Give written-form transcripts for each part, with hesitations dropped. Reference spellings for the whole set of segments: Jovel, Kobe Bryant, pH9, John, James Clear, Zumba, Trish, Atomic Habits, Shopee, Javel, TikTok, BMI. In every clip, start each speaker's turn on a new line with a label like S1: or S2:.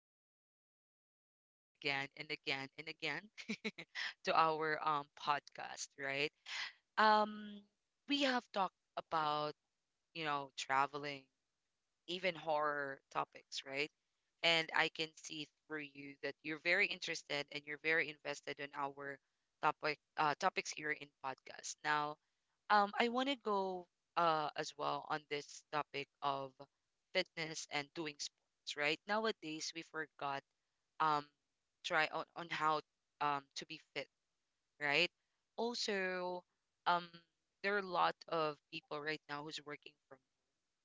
S1: listeners, and welcome back again and again and again to our podcast. Right. Um, we have talked about traveling. Even horror topics, right? And I can see through you that you're very interested and you're very invested in our topics here in podcast. Now, I want to go as well on this topic of fitness and doing sports, right? Nowadays, we forgot um try on how to be fit, right? Also, um there are a lot of people right now who's working from,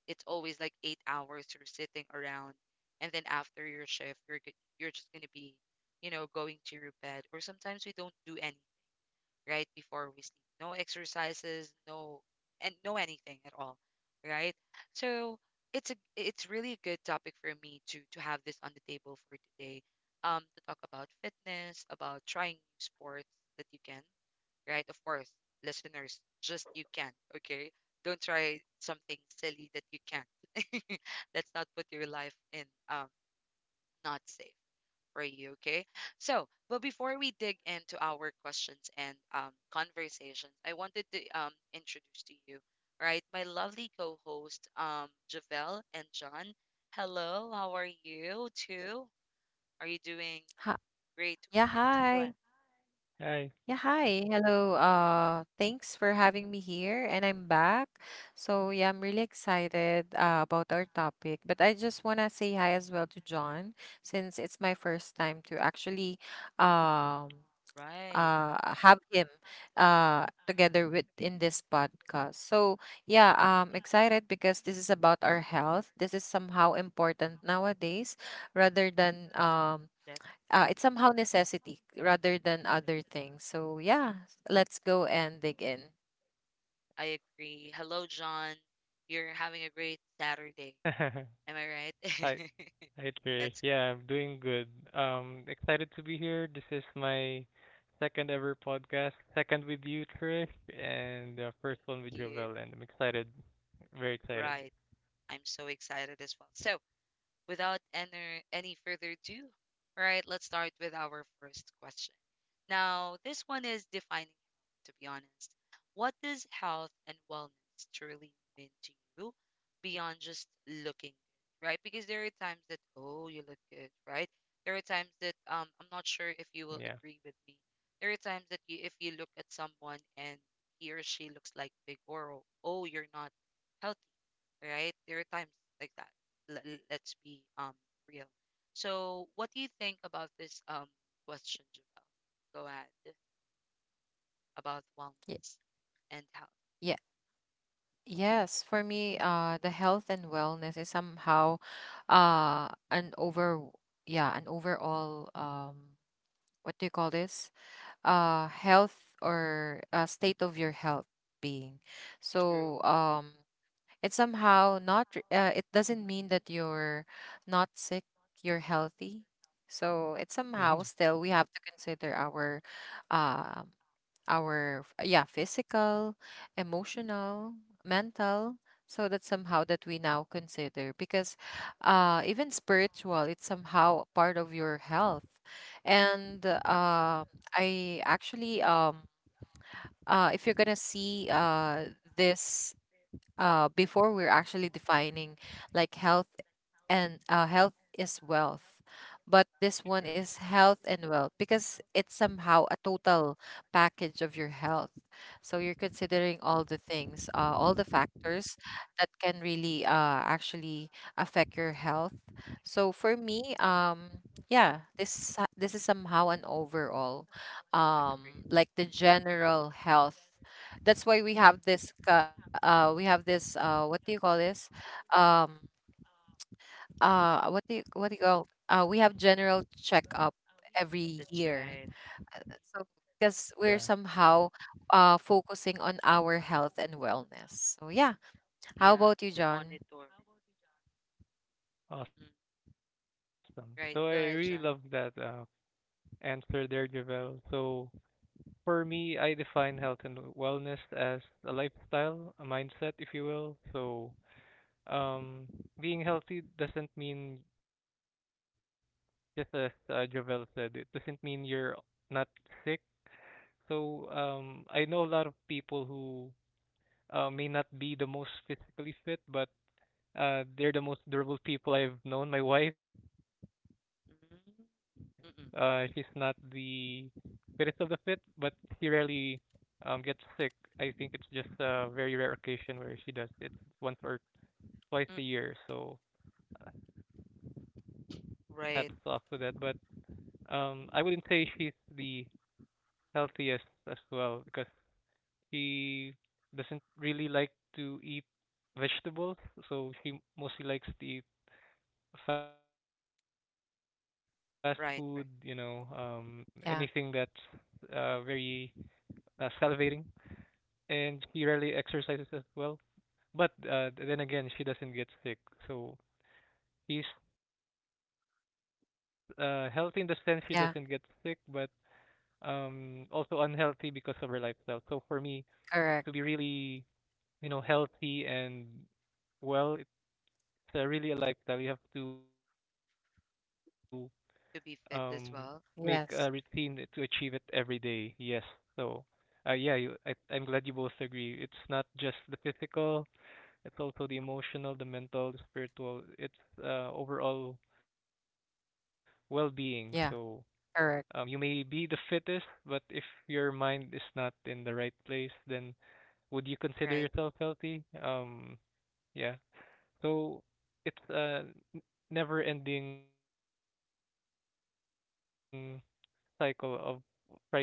S1: it's always like 8 hours you're sitting around, and then after your shift, you're just gonna be, going to your bed. Or sometimes we don't do anything right before we sleep. No exercises, no and no anything at all, right? So it's really a good topic for me to have this on the table for today. To talk about fitness, about trying new sports that you can, right? Of course, listeners, just you can, okay? Don't try something silly that you can't. Let's not put your life in not safe for you, okay? So, but before we dig into our questions and conversations, I wanted to introduce to you, right, my lovely co-host Javel and John. Hello, how are you two? Are you doing
S2: Hi.
S1: great
S2: Yeah,
S1: weekend? Go
S2: hi.
S1: ahead.
S3: Hi.
S2: Yeah, hi. Hello. Thanks for having me here, and I'm back. So yeah, I'm really excited about our topic. But I just wanna say hi as well to John, since it's my first time to actually um
S1: Right.
S2: uh have him together with in this podcast. So yeah, I'm excited because this is about our health. This is somehow important nowadays, rather than it's somehow necessity rather than other things. So yeah, let's go and dig in.
S1: I agree. Hello, John. You're having a great Saturday. Am I
S3: Hi. Hi,
S1: right?
S3: Trish.
S1: That's
S3: Yeah, I'm doing good. Excited to be here. This is my second ever podcast, second with you, Trish, and the
S1: great.
S3: first one with
S1: Thank you.
S3: Jovel, and I'm excited, very excited.
S1: Right. I'm so excited as well. So, without any further ado, right, let's start with our first question. Now, this one is defining health, to be honest. What does health and wellness truly mean to you beyond just looking good, right? Because there are times that, oh, you look good, right? There are times that I'm not sure if you will
S3: Yeah.
S1: agree with me. There are times that you, if you look at someone and he or she looks like big or oh, you're not healthy, right? There are times like that. Let's be real. So, what do you think about this question, Javel? Go ahead about
S2: Yeah,
S1: wellness and health.
S2: yeah. Yes. For me, the health and wellness is somehow an over yeah an overall what do you call this, health, or state of your health being.
S1: True.
S2: so um it's somehow not it doesn't mean that you're not sick, you're healthy. So it's somehow
S1: That's
S2: still we have to
S3: Mm-hmm.
S2: consider our, uh, physical, emotional, mental. So that's somehow that we now consider, because even spiritual, it's somehow part of your health. And uh, i actually, if you're gonna see, this before we're actually defining like health, and health is wealth, but this one is
S1: true.
S2: health and wealth because it's somehow a total package of your health. So you're considering all the things, all the factors that can really actually affect your health. So for
S1: Mm-mm.
S2: me, yeah this is somehow an overall,
S1: Agree.
S2: like the general health. That's why we have this what do you call this, um what do you call we have general checkup every
S1: That's
S2: year.
S1: right.
S2: Uh, so because we're somehow
S3: Yeah.
S2: focusing on our health and wellness, so yeah, how
S1: Yeah,
S2: about you,
S1: to
S2: John?
S1: monitor. Mm-mm.
S3: Awesome.
S1: Right.
S3: So
S1: Go
S3: I
S1: ahead,
S3: really
S1: John.
S3: love that answer there, Jovel. So for me, I define health and wellness as a lifestyle, a mindset, if you will. So, um, being healthy doesn't mean just as Javel said, it doesn't mean you're not sick. So I know a lot of people who may not be the most physically fit, but they're the most durable people I've known. My wife, she's
S1: Mm-mm.
S3: not
S1: Mm-mm.
S3: the fittest of the fit, but she rarely gets sick. I think it's just a very rare occasion where she does. It's once or
S1: Mm-mm.
S3: twice a year, so hats off to that. But
S1: Right.
S3: I wouldn't say she's the
S1: Mm-mm.
S3: healthiest as well because she doesn't really like to eat vegetables, so she mostly likes to eat fast food, you know,
S1: Right.
S3: um,
S1: Right.
S3: anything that's
S2: yeah
S3: very salivating, and she rarely exercises as well. But then again, she doesn't get sick, so she's healthy in the sense she doesn't get sick, but
S2: yeah
S3: also unhealthy because of her lifestyle. So for me, to
S2: Correct.
S3: be really healthy and well, it's really a lifestyle you have to um
S1: To be fit
S3: make
S1: as
S3: a
S1: well.
S3: routine to
S2: Yes.
S3: achieve it every day. Yes. So yeah, I'm glad you both agree it's not just the physical, it's also the emotional, the mental, the spiritual. It's overall well-being. So
S2: Yeah.
S3: you
S2: Correct.
S3: may be the fittest, but if your mind is not in the right place, then would you consider
S1: Right.
S3: yourself healthy? Yeah. So it's a n- never-ending cycle of trying to achieve health and wellness because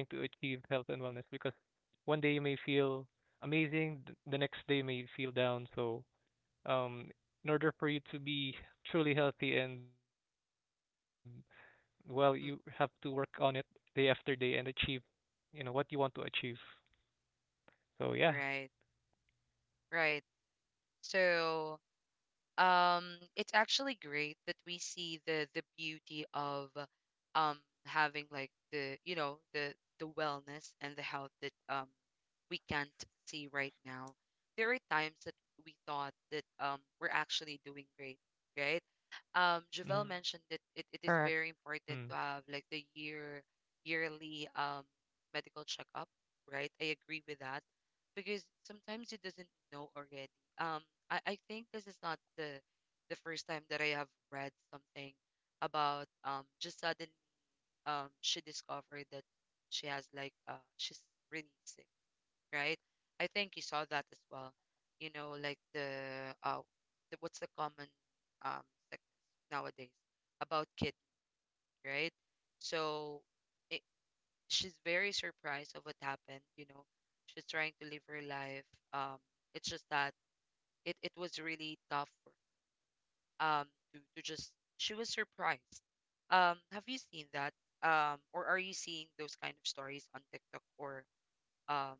S3: one day you may feel amazing, the next day may feel down. So, um, in order for you to be truly healthy and well, you have to work
S1: Mm-mm.
S3: on it day after day and achieve, you know, what you want to achieve. So yeah.
S1: Right. Right. So. um it's actually great that we see the beauty of um having like the wellness and the health that we can't see right now. There are times that we thought that we're actually doing great, right. Javel mentioned
S3: Mm,
S1: that
S2: Correct.
S1: it is very important to have like the yearly medical checkup, right. I agree with that, because sometimes you doesn't know already. um, I think this is not the first time that I have read something about just suddenly she discovered that she has like she's really sick, right? I think you saw that as well. You know, like the uh what's the common sickness nowadays about kidney, right? So it, she's very surprised of what happened. She's trying to live her life. Um, it's just that it was really tough um to just she was surprised. Have you seen that? Or are you seeing those kind of stories on TikTok or um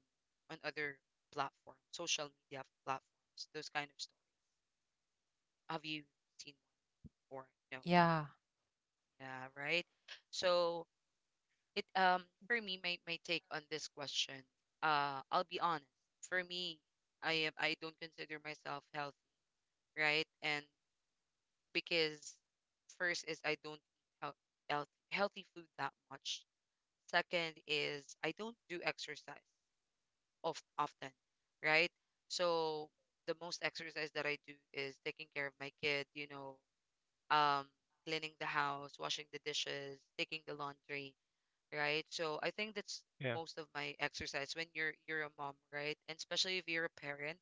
S1: on other platform social media platforms, those kind of stories? Have you seen one or no?
S2: Yeah.
S1: Yeah, right. So it for me, my take on this question, I'll be honest. For me, I don't consider myself healthy, right? And because first is I don't eat healthy food that much. Second is I don't do exercise of often, right? So the most exercise that I do is taking care of my kid, um, cleaning the house, washing the dishes, taking the laundry, right? So I think that's
S3: yeah.
S1: most of my exercise when you're a mom, right? And especially if you're a parent,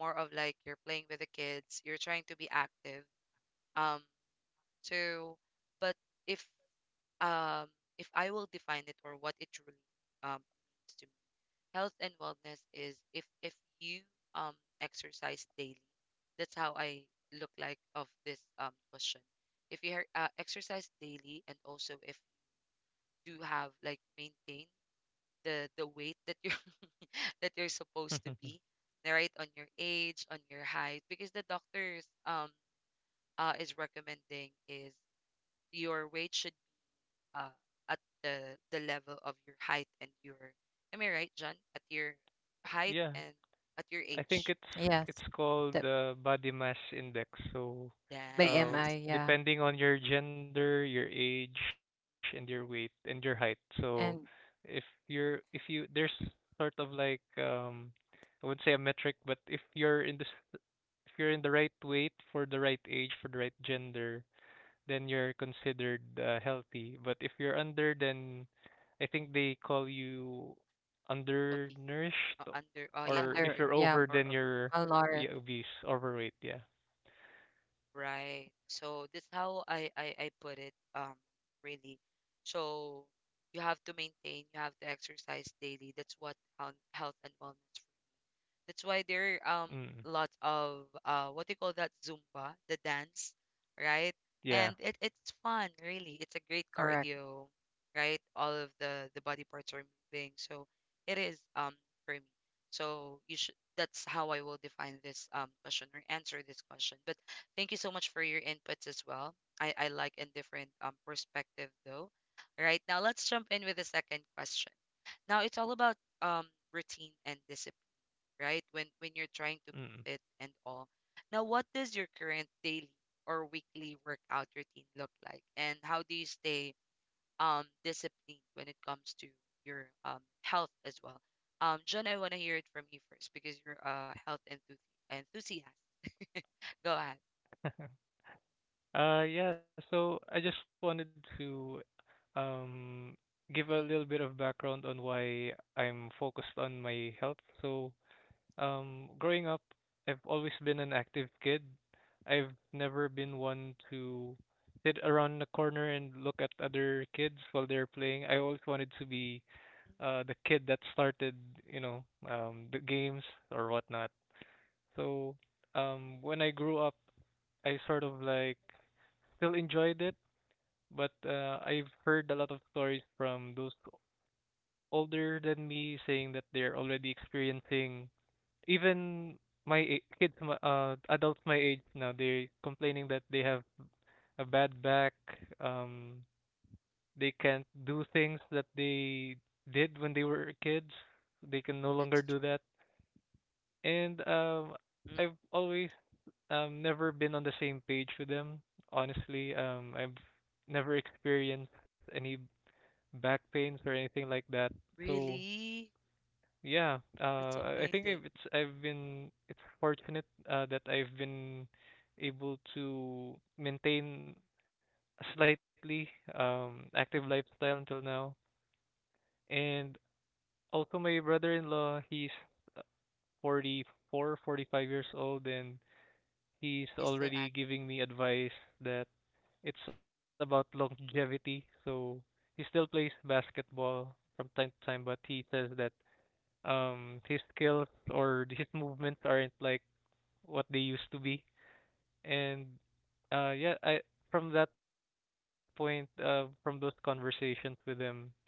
S1: more of like you're playing with the kids, you're trying to be active. Um, so, but if um if I will define it or what it truly um means to me, health and wellness is if you um exercise daily, that's how I look like of this question. If exercise daily, and also if you do have like maintain the weight that you're that you're supposed to be, right, on your age, on your height, because the doctors is recommending is your weight should, uh, at the level of your height and your, am I right, John? At your height
S3: Yeah.
S1: and at your
S3: I think
S1: age.
S3: it's
S2: Yes.
S3: it's called
S2: The
S3: the body mass index. So, uh,
S2: BMI,
S1: Yes.
S2: yeah.
S3: depending on your gender, your age, and your weight and your height. So,
S2: and
S3: if you there's sort of like I wouldn't say a metric, but if you're in this if you're in the right weight for the right age for the right gender, then you're considered healthy. But if you're under, then I think they call you
S1: Obese.
S3: undernourished,
S1: Under, oh
S2: Under,
S1: yeah,
S3: or if
S2: yeah.
S1: under
S3: you're over,
S1: or
S3: then
S1: ob,
S3: you're
S2: Malnourished.
S3: yeah, obese, overweight. Yeah.
S1: right. So that's how I put it really. So you have to maintain, you have to exercise daily. That's what health and wellness. That's why there
S3: Mm.
S1: lot of, what do you call that, Zumba, the dance, right? And
S3: Yeah.
S1: it's fun, really. It's a great
S2: Correct.
S1: cardio, right? All of the body parts are moving, so it is, for me. So you should. That's how I will define this question or answer this question. But thank you so much for your inputs as well. I like a different perspective though. All right, now let's jump in with the second question. Now it's all about routine and discipline, right? When you're trying to be
S3: Mm.
S1: fit and all. Now, what does your current daily or weekly workout routine look like, and how do you stay disciplined when it comes to your health as well? John, I want to hear it from you first because you're a health enthusiast. Go ahead.
S3: Yeah. So I just wanted to um give
S1: Mm,
S3: a little bit of background on why I'm focused on my health. So growing up, I've always been an active kid. I've never been one to sit around the corner and look at other kids while they're playing. I always wanted to be the kid that started, you know, the games or whatnot. So, when I grew up, I sort of like still enjoyed it, but I've heard a lot of stories from those older than me saying that they're already experiencing even my a- kids, my- adults my age now. They're complaining that they have a bad back. Um, they can't do things that they did when they were kids. They can no
S1: that's
S3: longer
S1: true.
S3: do that. And
S1: Mm,
S3: I've always never been on the same page with them. Honestly, I've never experienced any back pains or anything like that. So
S1: really?
S3: yeah,
S1: That's
S3: I think
S1: amazing.
S3: I've, it's I've been it's fortunate that I've been able to maintain a slightly active lifestyle until now. And also my brother-in-law, he's uh, 44, 45 years old, and he's
S1: He's still active,
S3: already giving me advice that it's about longevity. So he still plays basketball from time to time, but he says that his skills or his movements aren't like what they used to be. And yeah, I from that point, from those conversations with him, I've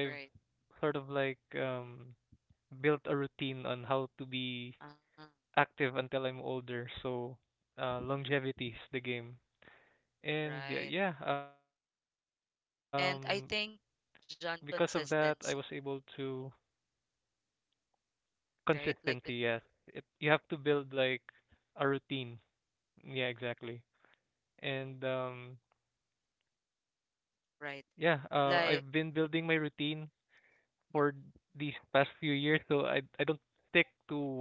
S1: right?
S3: sort of like built a routine on how to be
S1: Ah,
S3: active until I'm older. So longevity is the game. And
S1: right.
S3: yeah,
S1: And I
S3: because of
S1: think,
S3: that I was
S1: John,
S3: able to
S1: consistency,
S3: consistency, yes.
S1: right?
S3: It
S1: Like,
S3: you have to build like a routine. Yeah, exactly. And yeah, I've been
S1: right.
S3: building my
S1: Like,
S3: routine for these
S1: Mm.
S3: past few years, so I don't stick to one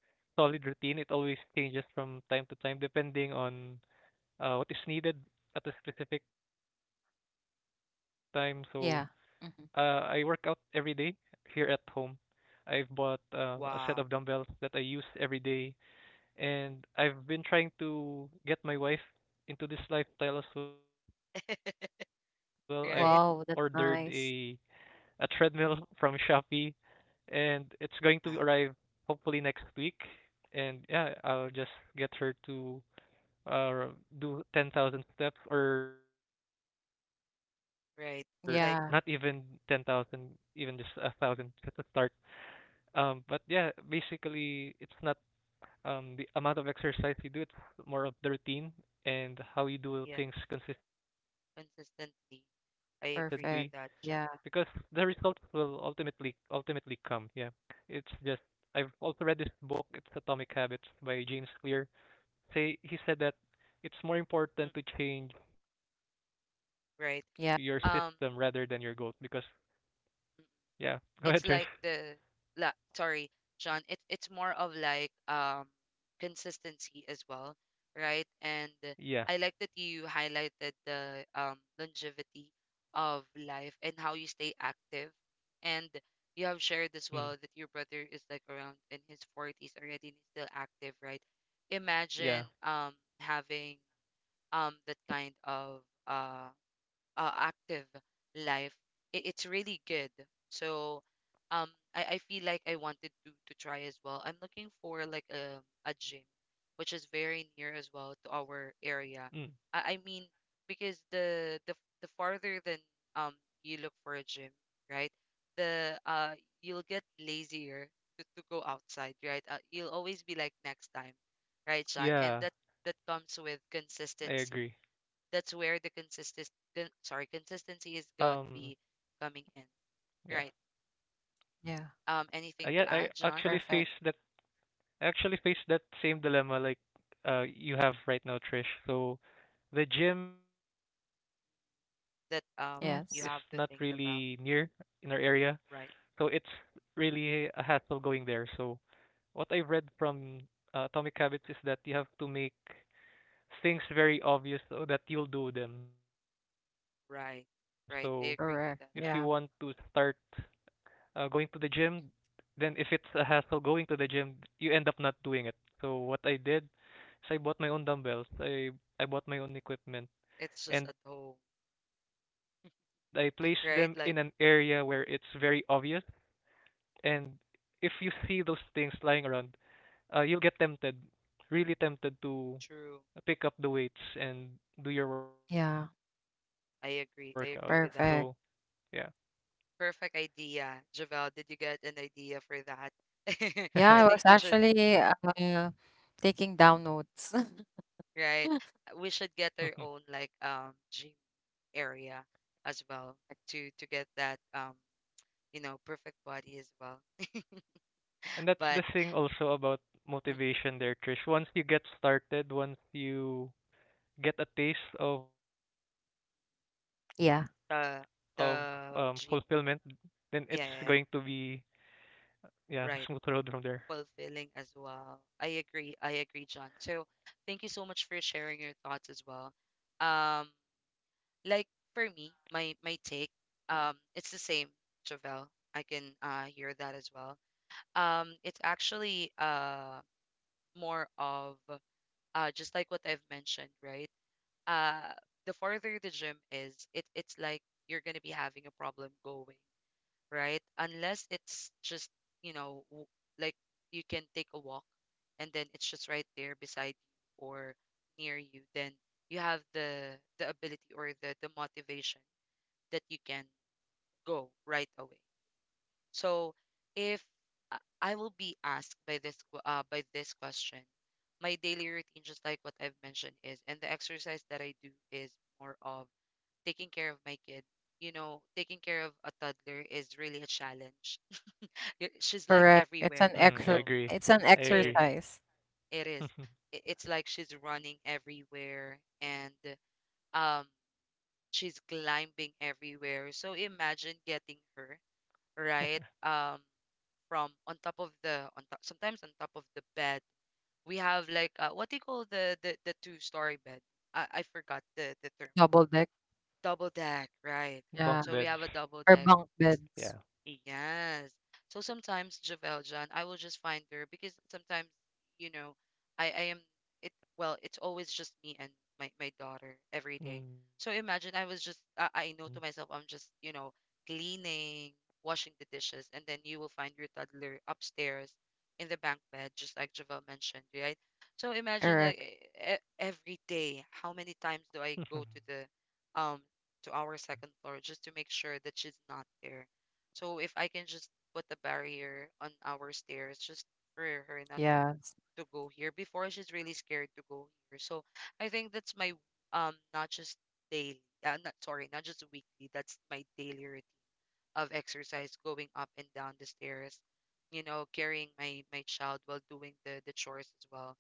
S3: solid routine. It always changes from time to time depending on what is needed at a specific time. So I work out
S2: Yeah.
S3: every
S2: Mm-hmm.
S3: day here at home. I've bought a set of
S1: Wow.
S3: dumbbells that I use every day, and I've been trying to get my wife into this lifestyle as well. I've ordered
S1: Right?
S3: a
S2: Wow, that's nice.
S3: treadmill from Shopee and it's going to
S1: Ah,
S3: arrive hopefully next week. And yeah, I'll just get her to uh do 10,000 steps or not even
S1: right.
S3: 10,000,
S1: Like,
S2: Yeah,
S3: even just a thousand just to start. But yeah, basically it's not the amount of exercise you do, it's more of the routine and
S1: yeah,
S3: how you do things consistently
S1: consistently.
S3: because
S1: I
S3: the
S1: agree with
S2: perfect.
S3: results
S1: that, John.
S2: Yeah,
S3: will ultimately come. Yeah, it's just I've also read this book. It's Atomic Habits by James Clear. Say He said that it's more
S1: Mm,
S3: important to change your system
S1: right.
S3: rather than
S2: yeah,
S3: your goals
S1: Um,
S3: because yeah, go ahead,
S1: it's
S3: Trish.
S1: like la, sorry, John, it's more of like consistency as well, right. And I like that
S3: Yeah,
S1: you highlighted the longevity of life and how you stay active, and you have shared
S3: mm,
S1: as well that your brother is like around in his 40s already, and he's still active, right. Imagine
S3: yeah,
S1: having that kind of uh active life. It's really good. So um I feel like I wanted to try as well. I'm looking for like a gym which is very near as well to our area.
S3: mm,
S1: I mean, because the farther than um you look for a gym, right? The you'll get lazier to go outside, right? You'll always be like next time, right, Sean? And
S3: yeah.
S1: that comes with consistency.
S3: I
S1: That's where
S3: agree.
S1: the consistent con- sorry consistency is going to
S3: Um,
S1: be coming in, right?
S3: yeah,
S2: yeah,
S1: Anything to add, John?
S2: perfect.
S3: I yeah, I actually faced that same dilemma like you have right now, Trish. So the gym
S1: That,
S3: is not
S2: Yes,
S1: you have to
S3: really
S1: think
S3: near
S1: about,
S3: in our area,
S1: right.
S3: so it's really a hassle going there. So what I've read from Atomic Habits is that you have to make things very obvious so that you'll do them.
S1: Right.
S3: So
S1: Right. I
S3: if
S1: agree
S3: you
S2: correct.
S1: with that.
S3: want
S2: Yeah,
S3: to start going to the gym, then if it's a hassle going to the gym, you end up not doing it. So what I did is I bought my own dumbbells. I bought my
S1: It's
S3: own
S1: just at
S3: equipment,
S1: home.
S3: and I place them in an area
S1: Right.
S3: where
S1: Like,
S3: it's very obvious. And if you see those things lying around, you'll get tempted, really tempted
S1: true.
S3: to pick up the weights and do your
S2: yeah,
S3: workout. So,
S1: I agree, I
S3: yeah.
S1: agree with that.
S2: perfect.
S1: Perfect idea, Javel. Did you get an idea for that?
S2: Yeah, I
S1: I
S2: was
S1: think we should,
S2: actually taking down notes.
S1: right. We should get our own like, gym area as well, to get that perfect body as well,
S3: And that's
S1: but
S3: the thing also about
S1: Mm.
S3: motivation there, Trish. Once you get started, once you get a taste of of
S2: Yeah,
S1: the
S3: fulfillment,
S1: the
S3: then it's
S1: dream.
S3: going to be
S1: Yeah, yeah, yeah,
S3: yeah, a smooth road
S1: right.
S3: from there.
S1: Fulfilling as well. I agree, I agree, John. So thank you so much for sharing your thoughts as well. um like, for me, my take, it's the same, Javel. I can hear that as well. It's actually more of, just like what I've mentioned, right. uh the farther the gym is, it's like you're gonna be having a problem going, right? Unless it's just, you know, w- like you can take a walk, and then it's just right there beside you or near you, then you have the ability or the motivation that you can go right away. So if I will be asked by by this question, my daily routine, just like what I've mentioned, is, and the exercise that I do is more of taking care of my kid. You know, taking care of a toddler is really a challenge. She's like
S2: correct.
S1: everywhere.
S3: Mm, I
S1: So
S3: agree.
S2: It's an
S3: I
S1: it
S3: agree.
S1: is.
S2: exercise.
S1: It is. It's like she's running everywhere and um she's climbing everywhere. So imagine getting her, right? From on top of the on top sometimes on top of the bed. We have like, what do you call the two-story bed? I forgot the term.
S2: Double
S3: Bunk
S2: deck,
S3: beds.
S1: Double deck, right?
S2: yeah,
S3: Yeah.
S1: So we have a double
S2: or
S1: deck.
S2: bunk beds.
S1: Yes. So sometimes Javel John, I will just find her because sometimes, you know, I am it it's always just me and my daughter every day.
S3: Mm.
S1: So imagine I was just I know to myself I'm just, you know, cleaning, washing the dishes, and then you will find your toddler upstairs in the bunk bed, just like Javel mentioned, right? So imagine like
S2: Correct.
S1: every day, how many times do I go to the to our second floor just to make sure that she's not there, so if I can just put a barrier on our stairs, just for her not to
S2: Yes.
S1: to go here. Before she's really scared to go here. So I think that's my not just daily, not just weekly. That's my daily routine of exercise, going up and down the stairs, you know, carrying my my child while doing the chores as well.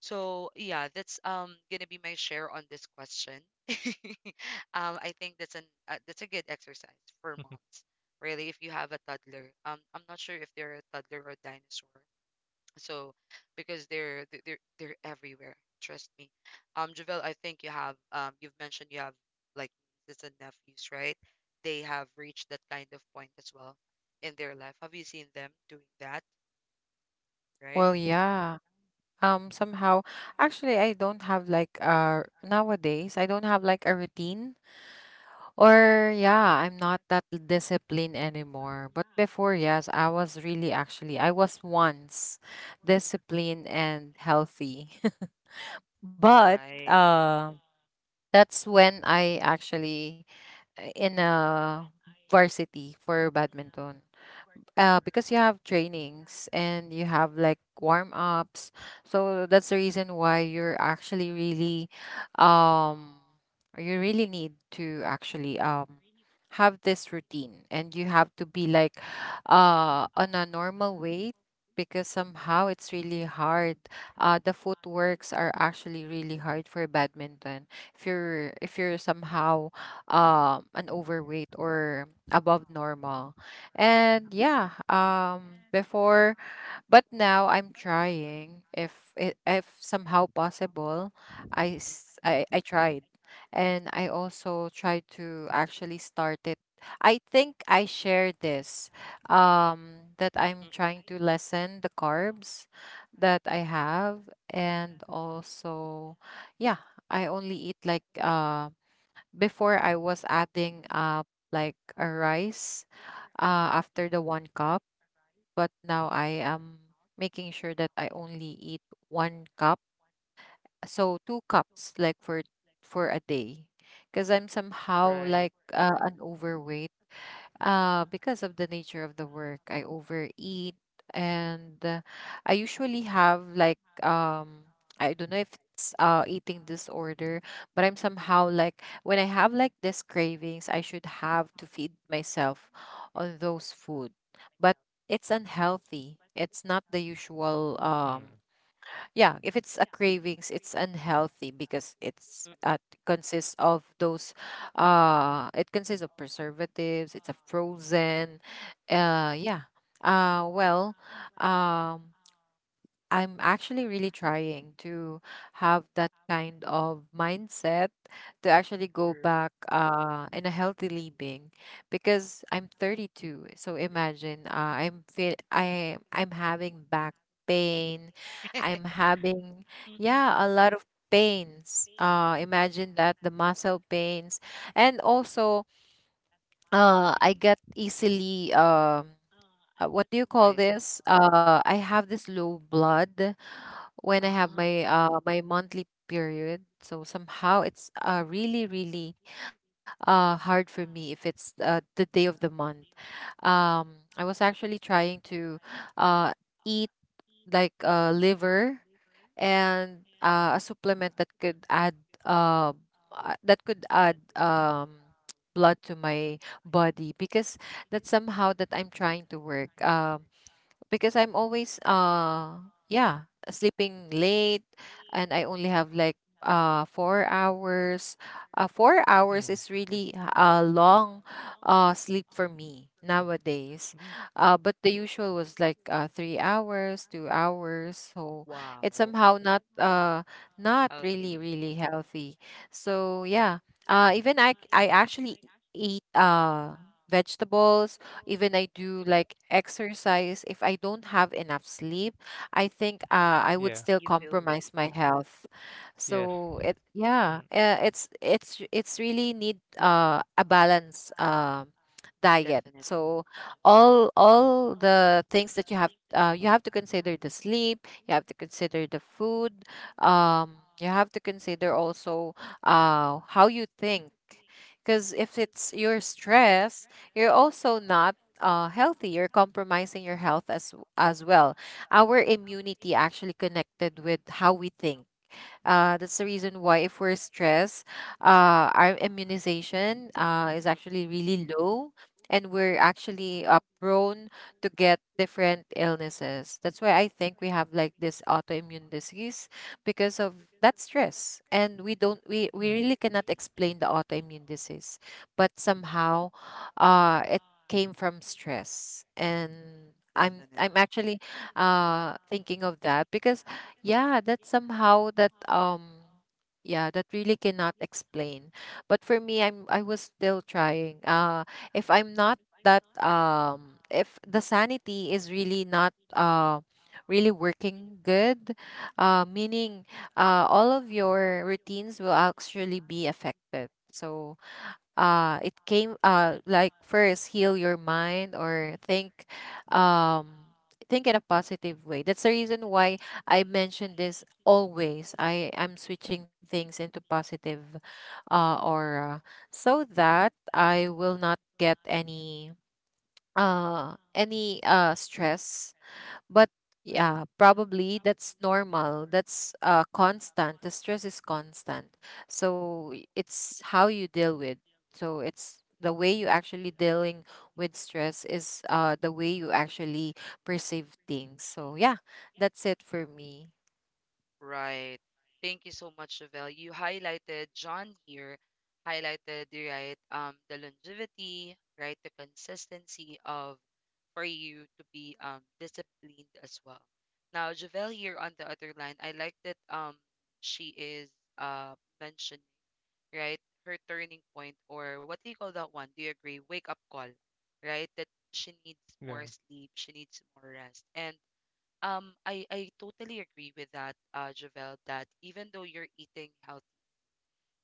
S1: So yeah, that's gonna be my share on this question. I think that's
S3: Mm.
S1: an that's a good exercise for moms. Really, if you have a toddler, I'm not sure if they're a toddler or a dinosaur. So, because they're everywhere. Trust me. Javel, I think you have you've mentioned you have like nieces and nephews, right? They have reached that kind of point as well in their life. Have you seen them doing that, right?
S2: Well, yeah. Um, somehow, actually, I don't have like nowadays, I don't have like a routine. Or yeah, I'm not that disciplined anymore. But before, yes, I was really actually I was once
S1: Mm.
S2: disciplined and healthy. but
S1: Right.
S2: That's when I actually, in a varsity for badminton, because you have trainings and you have like warm ups. So that's the reason why you're actually really, um, you really need to actually have this routine, and you have to be like on a normal weight because somehow it's really hard. The footworks are actually really hard for badminton if you're somehow an overweight or above normal. Before, but now I'm trying, if it if somehow possible.
S1: Mm,
S2: I tried, and I also tried to actually start it. I think I shared this, that I'm trying to lessen the carbs that I have, and also, yeah, I only eat like, before I was adding like a rice
S1: mm. Mm.
S2: after the one cup, but now I am making sure that I only eat one cup. So two cups like for a day. Because I'm somehow
S1: Right.
S2: like an overweight, because of the nature of the work, I overeat. And I usually have like, I don't know if it's eating disorder, but I'm somehow like when I have like these cravings, I should have to feed myself on those food. But it's unhealthy. It's not the usual. Yeah, if it's a cravings, it's unhealthy because it's
S1: Mm.
S2: consists of those, it consists of preservatives, it's a frozen. Uh yeah. Uh well, um I'm actually really trying to have that kind of mindset to actually go
S1: True.
S2: back, in a healthy living, because I'm 32. So imagine, I'm having back pain. I'm having,
S1: Mm, mm.
S2: yeah a lot of pains. Imagine that, the muscle pains, and also I
S1: Mm.
S2: get easily what do you call
S1: Right.
S2: this? I have this low blood when I have
S1: Ah,
S2: my my monthly period. So somehow it's really really hard for me if it's the day of the month. I was actually trying to uh eat like liver, and a supplement uh that could add blood to my body, because that's somehow that I'm trying to work. Because I'm always yeah, sleeping late, and I only have like 4 hours. 4
S3: Mm. Mm.
S2: hours is really a long sleep for me nowadays. But the usual was like 3 hours, 2 hours. So it's
S1: wow.
S2: somehow not not
S1: Healthy.
S2: really really healthy. So yeah, even I actually eat vegetables, even I do like exercise, if I don't have enough sleep, I think, I would
S3: Yeah.
S2: still
S1: You feel weak,
S2: compromise my health.
S3: Yes.
S2: So it yeah,
S3: Mm.
S2: it's really need, a balance diet.
S1: definitely.
S2: So all the things that you have, you have to consider the sleep, you have to consider the food, you have to consider also, how you think. Because if it's your stress, you're also not healthy. You're compromising your health as well. Our immunity actually connected with how we think. That's the reason why if we're stressed, our immunization is
S1: Mm.
S2: actually really low, and we're actually prone to get different illnesses. That's why I think we have like this autoimmune disease because of that stress, and we don't we
S3: Mm.
S2: really cannot explain the autoimmune disease, but somehow, it came from stress. And. I'm
S1: Definitely.
S2: actually thinking of that because yeah, that's somehow that yeah, that really cannot explain. But for me, I was still trying. If I'm not that if the sanity is really not really working good, meaning all of your routines will actually be affected. So it came like, first heal your mind or think, um think in a positive way. That's the reason why I mention this always. I am switching things into positive aura, so that I will not get any stress. But yeah, probably that's normal. That's constant. The stress is constant. So it's how you deal with. So it's the way you actually dealing with stress, is the way you actually perceive things. So yeah, that's it for me.
S1: Right. Thank you so much, Chevelle. You highlighted John here, highlighted right the longevity, right? The consistency of for you to be disciplined as well. Now, Javelle here on the other line, I like that she is uh mentioning, right, her turning point or what do you call that one? Do you agree? Wake up call, right? That she needs more
S3: Yeah.
S1: sleep, she needs more rest. And I totally agree with that, Javel, that even though you're eating healthy,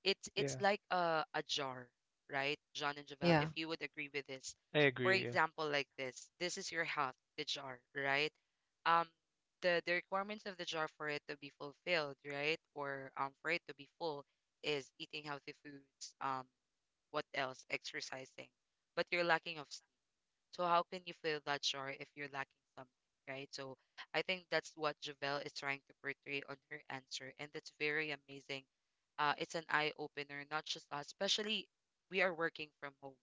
S1: it's
S3: Yeah.
S1: like a jar, right? John and Javel, if
S2: Yeah.
S1: you would agree with this.
S3: I
S1: For
S3: agree. Yeah.
S1: example, like this is your health, the jar, right? Um, the requirements of the jar for it to be fulfilled, right? Or for it to be full is eating healthy foods, what else? Exercising. But you're lacking of, so how can you feel that sure if you're lacking something, right? So I think that's what Javelle is trying to portray on her answer, and that's very amazing. It's an eye opener, not just us, especially we are working from home.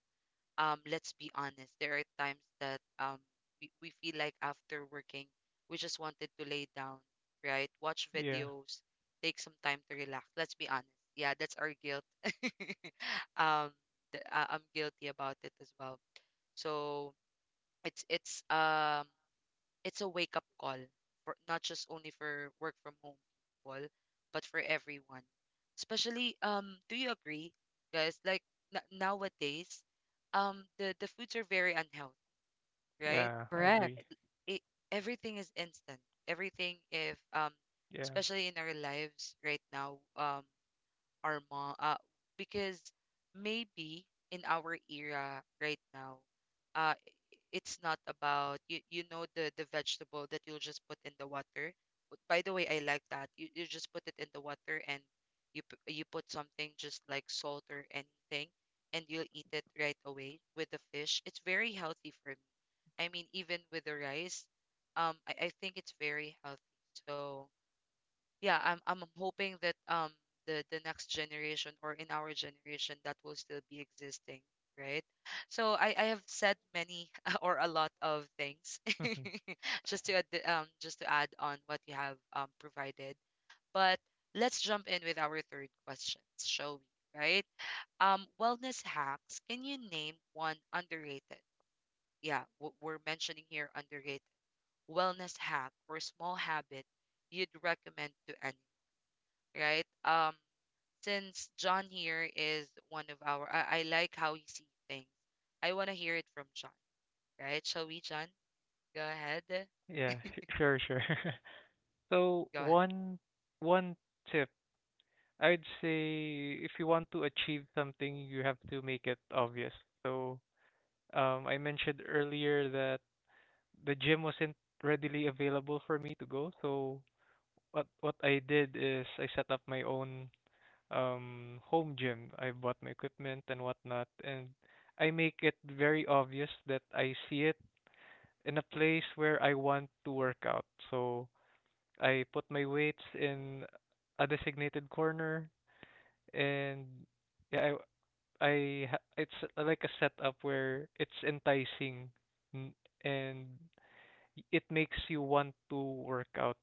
S1: Let's be honest, there are times that we feel like after working, we just wanted to lay down, right? Watch
S3: Yeah.
S1: videos, take some time to relax. Let's be honest. Yeah, that's our guilt. um, I'm guilty about it as well. So it's it's it's a wake up call for not just only for work from home people, but for everyone. Especially do you agree guys like nowadays the foods are very unhealthy, right?
S3: Yeah. I agree.
S2: Correct.
S1: It, everything is instant. Everything if
S3: Yeah.
S1: especially in our lives right now our mom because maybe in our era right now it's not about you, you know the vegetable that you'll just put in the water. But by the way I like that you just put it in the water and you you put something just like salt or anything and you'll eat it right away with the fish. It's very healthy for me. I mean even with the rice. I think it's very healthy. So yeah, I'm hoping that the next generation or in our generation that will still be existing, right? So I have said many or a lot of things just to add on what you have provided. But let's jump in with our third questions, shall we? Right? Wellness hacks. Can you name one underrated? Yeah, we're mentioning here underrated wellness hack or small habit you'd recommend to anyone, right? Since John here is one of our, I like how he sees things. I want to hear it from John, right? Shall we, John? Go ahead.
S3: Yeah. Sure. Sure. So
S1: Go ahead.
S3: one tip I'd say if you want to achieve something, you have to make it obvious. So, I mentioned earlier that the gym wasn't readily available for me to go. So, what I did is I set up my own home gym. I bought my equipment and whatnot, and I make it very obvious that I see it in a place where I want to work out. So, I put my weights in a designated corner and yeah, it's like a setup where it's enticing n- and it makes you want to work out.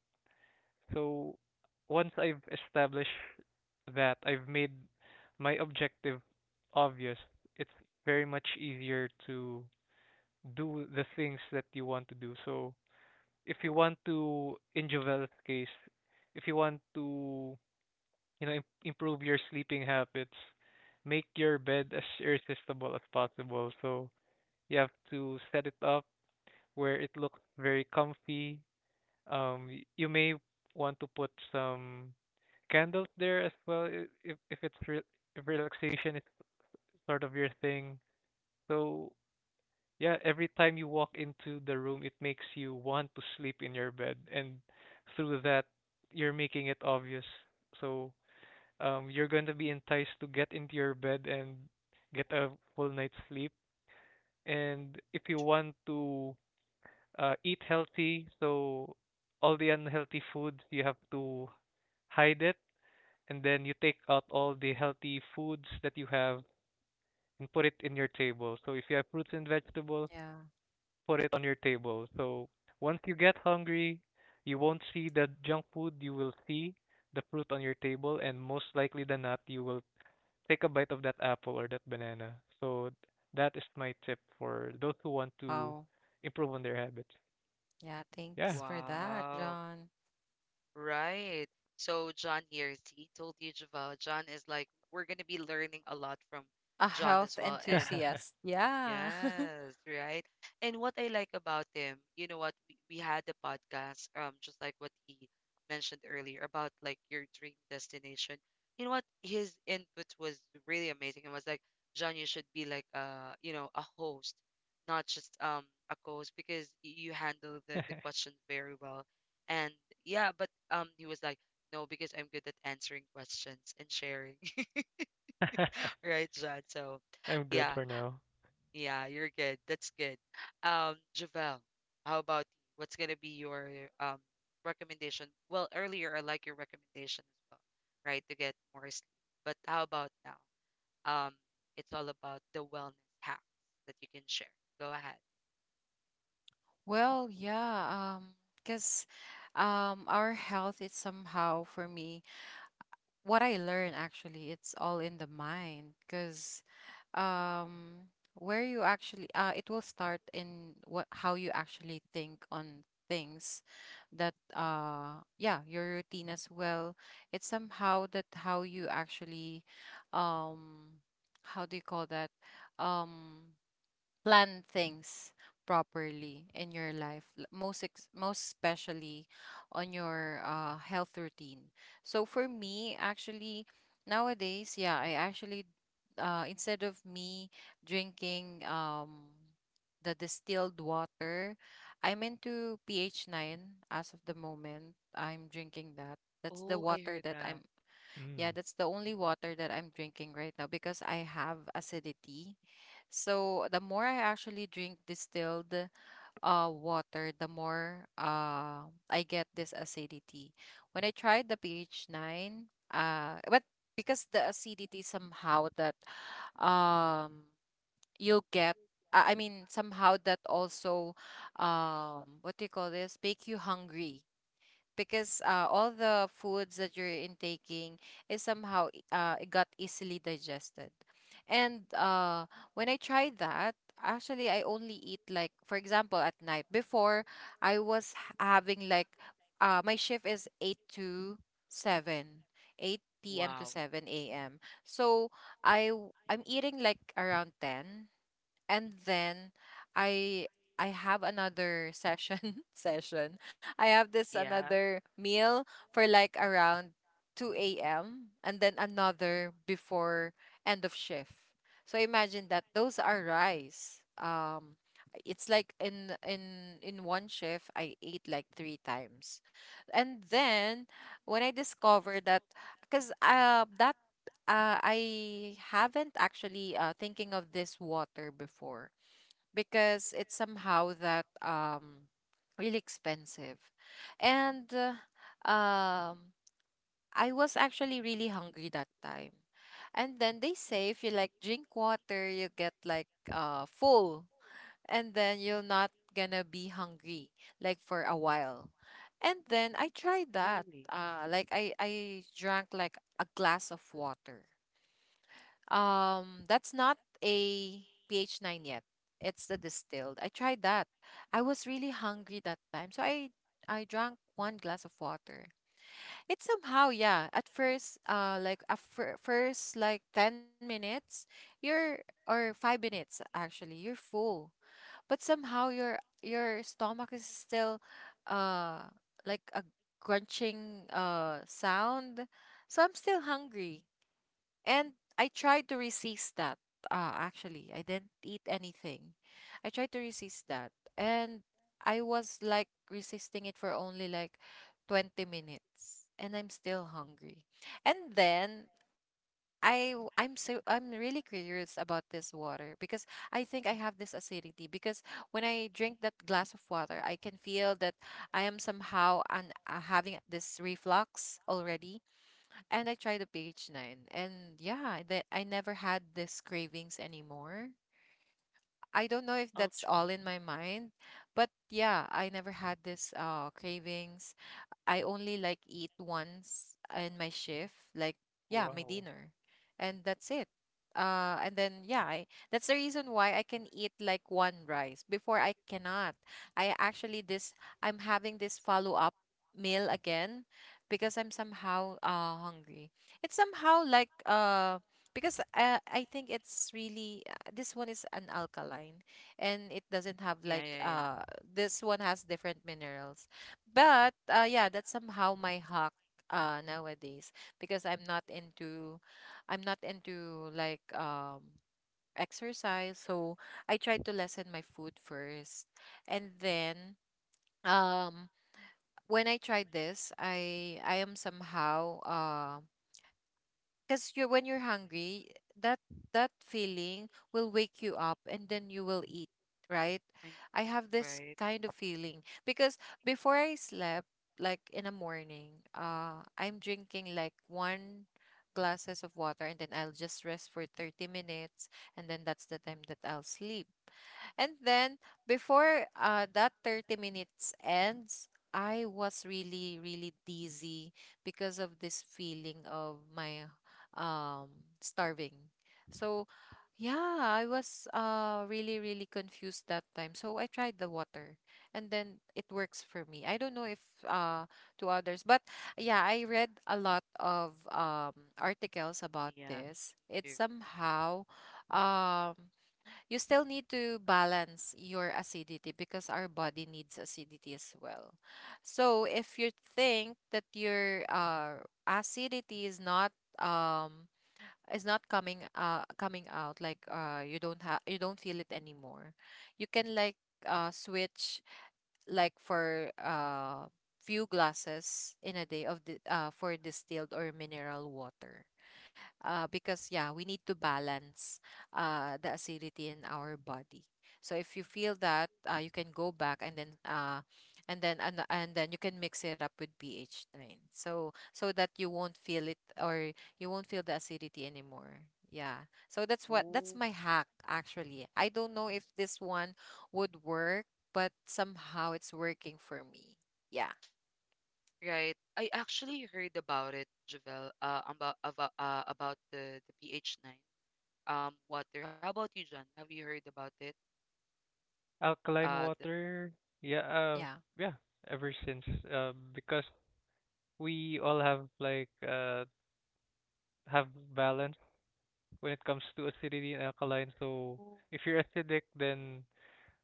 S3: So once I've established that, I've made my objective obvious. It's very much easier to do the things that you want to do. So if you want to, in Jovel's case, if you want to, you know, improve your sleeping habits, make your bed as irresistible as possible. So you have to set it up where it looks very comfy. You may want to put some candles there as well, if it's re if relaxation is sort of your thing. So yeah, every time you walk into the room, it makes you want to sleep in your bed, and through that, you're making it obvious. So you're going to be enticed to get into your bed and get a full night's sleep. And if you want to eat healthy. So all the unhealthy foods you have to hide it, and then you take out all the healthy foods that you have and put it in your table. So if you have fruits and vegetables,
S2: Yeah.
S3: put it on your table. So once you get hungry, you won't see the junk food. You will see the fruit on your table, and most likely than not, you will take a bite of that apple or that banana. So that is my tip for those who want to
S2: Wow.
S3: improve on their habits.
S2: Yeah.
S3: Yeah.
S2: Thanks for that,
S1: Wow.
S2: John.
S1: Right. So John here, he told you, Javel, John is like, we're going to be learning a lot from
S2: A
S1: John
S2: health
S1: as well. And
S2: enthusiast. Yeah.
S1: yes, right. And what I like about him, you know what, we had the podcast, just like what he mentioned earlier about like your dream destination. You know what, his input was really amazing. It was like, John, you should be like you know, a host, not just a co-host because you handle the questions very well. And yeah, but he was like, no, because I'm good at answering questions and sharing, right, John? So
S3: I'm good
S1: yeah.
S3: for now.
S1: Yeah, you're good. That's good. Javel, how about you? What's gonna be your um recommendation? Well, earlier I like your recommendation as well, right? To get more sleep. But how about now? Um, it's all about the wellness hacks that you can share. Go ahead.
S2: Well, yeah, because our health is somehow, for me, what I learn actually, it's all in the mind. Because um where you actually it will start in what how you actually think on things. That yeah Your routine as well, it's somehow that how you actually, um how do you call that, um plan things properly in your life, most most especially on your, health routine. So for me actually, nowadays, yeah I actually instead of me drinking the distilled water, I'm into pH 9 as of the moment. I'm drinking that. That's
S1: Oh,
S2: the
S1: I heard
S2: water that
S1: that.
S2: I'm yeah,
S3: Mm.
S2: that's the only water that I'm drinking right now, because I have acidity. So the more I actually drink distilled water, the more I get this acidity. When I tried the pH 9, but because the acidity somehow that um you'll get, I mean, somehow that also what do you call this? Make you hungry, because all the foods that you're intaking is somehow, it got easily digested. And When I tried that, actually I only eat like, for example, at night, before I was having like, my shift is 8 to 7 8 p.m. to
S1: Wow.
S2: 7 a.m. So I'm eating like around 10, and then i I have another session session I have this
S1: Yeah,
S2: another meal for like around 2 a.m., and then another before end of shift. So imagine that those are rice, it's like in one shift I ate like 3 times. And then when I discovered that, because that I haven't actually thinking of this water before, because it's somehow that really expensive. And um I was actually really hungry that time, and then they say if you like drink water you get like full, and then you're not gonna be hungry like for a while. And then I tried that,
S1: really?
S2: I drank like a glass of water, that's not a pH 9 yet. It's the distilled. I tried that. I was really hungry that time, so I drank one glass of water. It somehow, yeah, at first, like a first like 10 minutes, you're or 5 minutes actually, you're full. But somehow your stomach is still uh like a crunching sound. So I'm still hungry. And I tried to resist that. Actually, I didn't eat anything. I tried to resist that. And I was like resisting it for only like 20 minutes. And I'm still hungry. And then I w- I'm so I'm really curious about this water because I think I have this
S1: Mm.
S2: acidity, because when I drink that glass of water, I can feel that I am somehow having this reflux already, and I tried the pH 9. And yeah, that I never had this cravings anymore. I don't know if
S1: I'll
S2: that's
S1: try.
S2: all in my mind, but yeah, I never had this cravings. I only like eat once in my shift, like, yeah, my
S3: Wow.
S2: dinner, and that's it. And then yeah, that's the reason why I can eat like one rice. Before I cannot. I actually this I'm having this follow up meal again because I'm somehow hungry. It's somehow like, because I think it's really, this one is an alkaline, and it doesn't have
S1: Yeah, yeah,
S2: like,
S1: yeah.
S2: this one has different minerals. But yeah, that's somehow my hack, nowadays. Because I'm not into like, exercise. So I try to lessen my food first, and then um when I tried this, I am somehow. Because you when you're hungry, that feeling will wake you up, and then you will eat, right?
S1: I know,
S2: I have this
S1: right?
S2: kind of feeling because before I slept, like in the morning, I'm drinking like one glasses of water, and then I'll just rest for 30 minutes, and then that's the time that I'll sleep. And then before, that 30 minutes ends, I was really, really dizzy because of this feeling of my, um, starving. So, yeah, I was really, really confused that time. So I tried the water, and then it works for me. I don't know if, uh, to others, but yeah, I read a lot of articles about
S1: Yes,
S2: this.
S1: me too.
S2: It's somehow. Um, you still need to balance your acidity because our body needs acidity as well. So if you think that your, acidity is not, um is not coming, coming out, like, you don't feel it anymore, you can like, switch, like for, few glasses in a day of the, for distilled or mineral water, because yeah, we need to balance, the acidity in our body. So if you feel that, you can go back, and then and then you can mix it up with ph 9, so that you won't feel it, or you won't feel the acidity anymore. Yeah, so
S1: Ooh.
S2: that's my hack, actually. I don't know if this one would work, but somehow it's working for me, yeah.
S1: Right. I actually heard about it, Javel, about the pH 9 water. How about you, John? Have you heard about it?
S3: Alkaline
S1: The,
S3: water. Yeah,
S2: Yeah,
S3: yeah, ever since because we all have like have balance when it comes to acidity and alkaline. So
S1: oh,
S3: if you're acidic then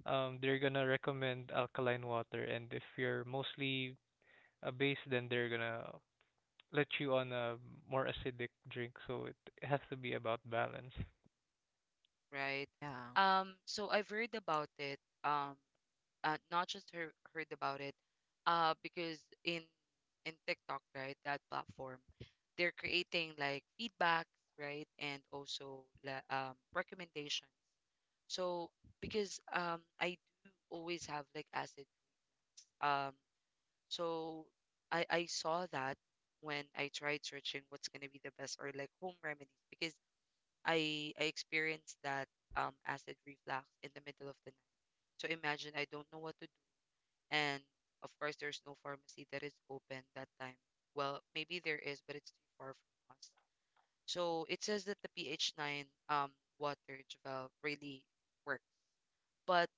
S3: they're gonna recommend alkaline water, and if you're mostly a base then they're gonna let you on a more acidic drink. So has to be about balance.
S1: right.
S2: yeah,
S1: So I've heard about it. Not just heard, heard about it. Because in in TikTok, right, that platform, they're creating like feedbacks, right, and also recommendations. So because I do always have like acids. Um. So I saw that when I tried searching what's gonna be the best or like home remedies because I experienced that acid reflux in the middle of the night. So imagine I don't know what to do, and of course there's no pharmacy that is open that time. Well, maybe there is, but it's too far from us. So it says that the pH nine water Javel really works. But.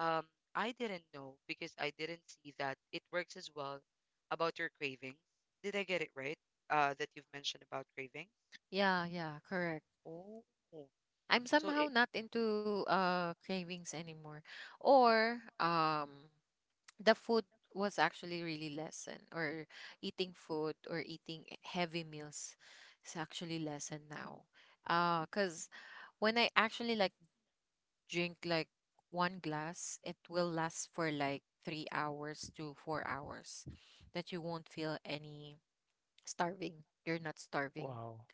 S1: Um, I didn't know because I didn't see that it works as well about your cravings. Did I get it right? That you've mentioned about cravings.
S2: yeah, yeah correct.
S1: Oh,
S2: I'm
S1: so it
S2: somehow not into cravings anymore. Or the food was actually really lessened, or eating food or eating heavy meals is actually lessened now. Cause when I actually like drink like one glass, it will last for like 3 hours to 4 hours that you won't feel any starving. You're not starving.
S3: Wow.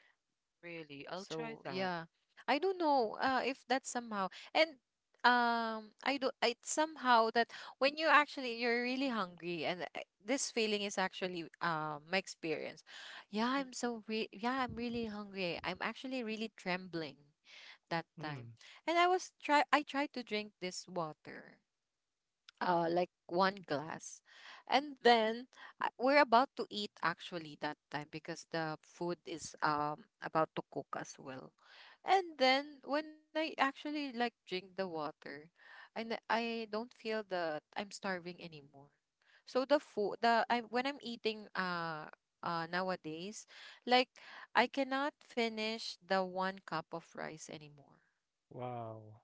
S1: really, I'll try
S2: So
S1: that.
S2: yeah, I don't know, if that somehow. And I do it somehow that when you're really hungry, and this feeling is actually, my experience. Yeah,
S1: Mm.
S2: I'm so re yeah, I'm really hungry. I'm actually really trembling that
S3: Mm.
S2: time, and I was try I tried to drink this water. Like one glass, and then, we're about to eat actually that time because the food is about to cook as well. And then when I actually like drink the water, I don't feel that I'm starving anymore. So the food, the I when I'm eating nowadays, like I cannot finish the one cup of rice anymore.
S3: Wow.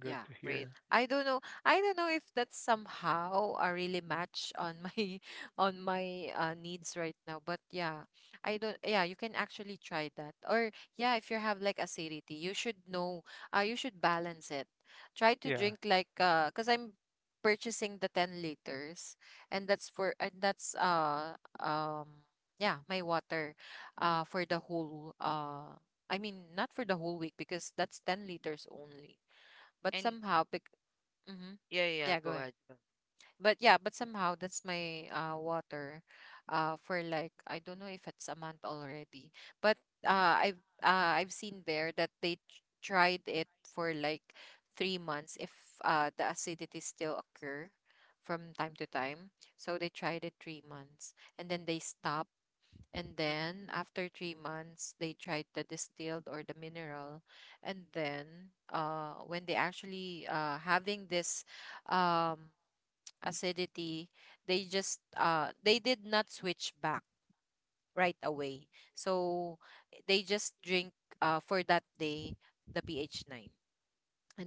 S3: Good to
S2: Yeah.
S1: Really.
S3: hear.
S2: I don't know. I don't know if that's somehow a really match on my on my, needs right now. But yeah, I don't. Yeah, you can actually try that. Or yeah, if you have like acidity, you should know. You should balance it. Try to
S3: Yeah.
S2: drink like, cause I'm purchasing the 10 liters, and that's for and that's um yeah my water, for the whole, I mean not for the whole week because that's 10 liters only, but
S1: And
S2: somehow. Mm-hmm.
S1: yeah, yeah,
S2: Yeah,
S1: go
S2: go
S1: ahead.
S2: ahead.
S1: Belle.
S2: But yeah, but somehow that's my water, for like, I don't know if it's a month already. But I've seen there that they tried it for like 3 months if the acidity still occur from time to time. So they tried it 3 months, and then they stop, and
S1: Mm.
S2: then after 3 months, they tried the distilled or the mineral. And then, when they actually, having this, um, acidity, they just, they did not switch back right away. So they just drink, for that day, the pH 9,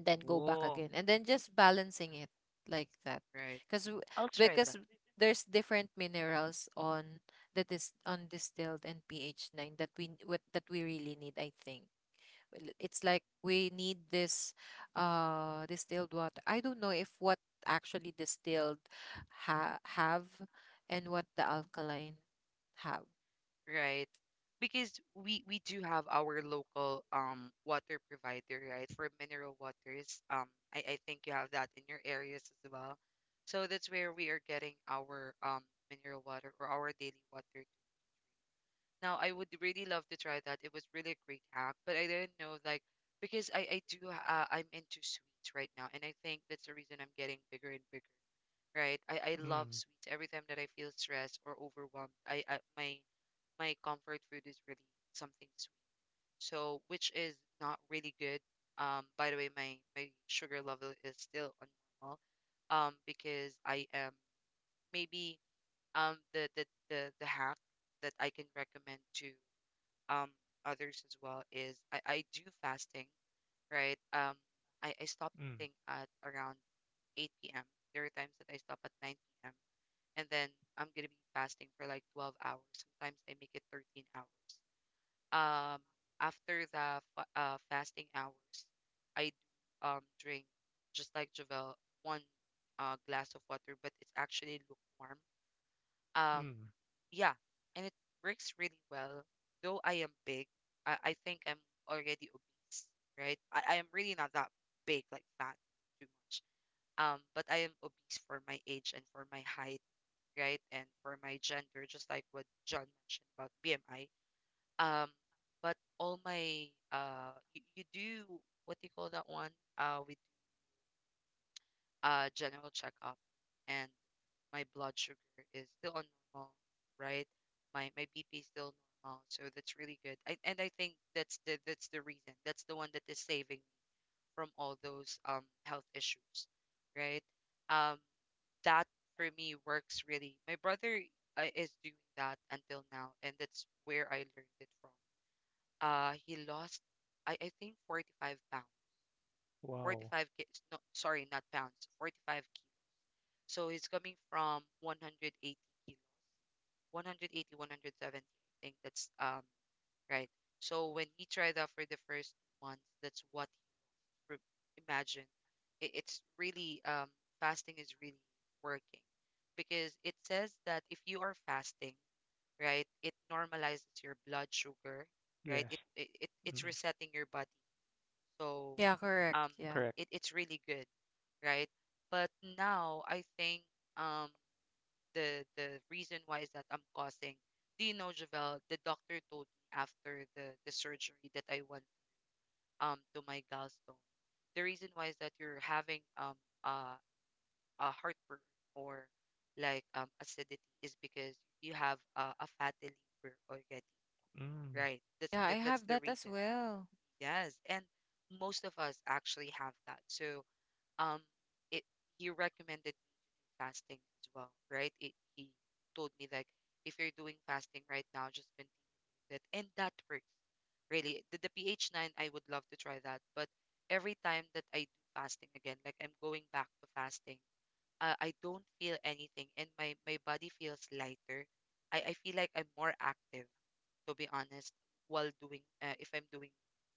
S2: and then go back
S1: Oh,
S2: again, and then just balancing it like that,
S1: right.
S2: because
S1: I'll try that.
S2: because there's different minerals on that is on distilled and pH 9 that we what, that we really need, I think. Well, it's like we need this distilled water. I don't know if what actually distilled have, and what the alkaline have.
S1: Right? Because we do have our local water provider, right? For mineral waters. Um, I think you have that in your areas as well. So that's where we are getting our mineral water or our daily water. Now I would really love to try that. It was really a great hack, but I didn't know like, because I do I'm into sweets right now and I think that's the reason I'm getting bigger and bigger, right? I love
S3: Mm.
S1: sweets. Every time that I feel stressed or overwhelmed, I my my comfort food is really something sweet. So which is not really good. By the way, my sugar level is still on normal. Because I am maybe the hack that I can recommend to um others as well is I do fasting, right? I stop
S3: Mm.
S1: eating at around 8 p.m. There are times that I stop at 9 p.m, and then I'm gonna be fasting for like 12 hours. Sometimes I make it 13 hours. Um, after the fasting hours, I do drink just like Javel one glass of water, but it's actually lukewarm. Um,
S3: Mm.
S1: yeah, and it works really well. Though I am big, I think I'm already obese, right? I am really not that big, like fat too much. But I am obese for my age and for my height, right? And for my gender, just like what John mentioned about BMI. Um, but all my you, you do what do you call that one? We do general checkup, and my blood sugar is still on normal, right? My BP is still normal, so that's really good. I, and I think that's the reason. That's the one that is saving me from all those health issues, right? Um, that for me works really. My brother is doing that until now, and that's where I learned it from. He lost, I think, 45 pounds,
S3: Wow.
S1: 45 kilos. No, sorry, not pounds, 45 kilos. So he's coming from 180 kilo, 180, 170. I think that's right. So when he tried that for the first month, that's what re- imagine. It's really fasting is really working because it says that if you are fasting, right, it normalizes your blood sugar, right?
S3: Yes.
S1: It's
S3: Mm.
S1: resetting your body, so
S2: Yeah, correct,
S1: um,
S3: Correct.
S2: yeah.
S1: it's really good, right? But now I think um the reason why is that I'm causing. Do you know, Javel? The doctor told me after the surgery that I went to my gallstone. The reason why is that you're having uh, a heartburn or like acidity is because you have a fatty liver already,
S3: Mm.
S1: right? That's
S2: Yeah, I have
S1: that's the
S2: that as
S1: reason.
S2: well.
S1: Yes, and most of us actually have that. So um it he recommended me fasting as well, right? He told me like if you're doing fasting right now, just continue it, and that works. Really, the pH nine, I would love to try that. But every time that I do fasting again, like I'm going back to fasting, I don't feel anything, and my body feels lighter. I feel like I'm more active, to be honest, while doing if I'm doing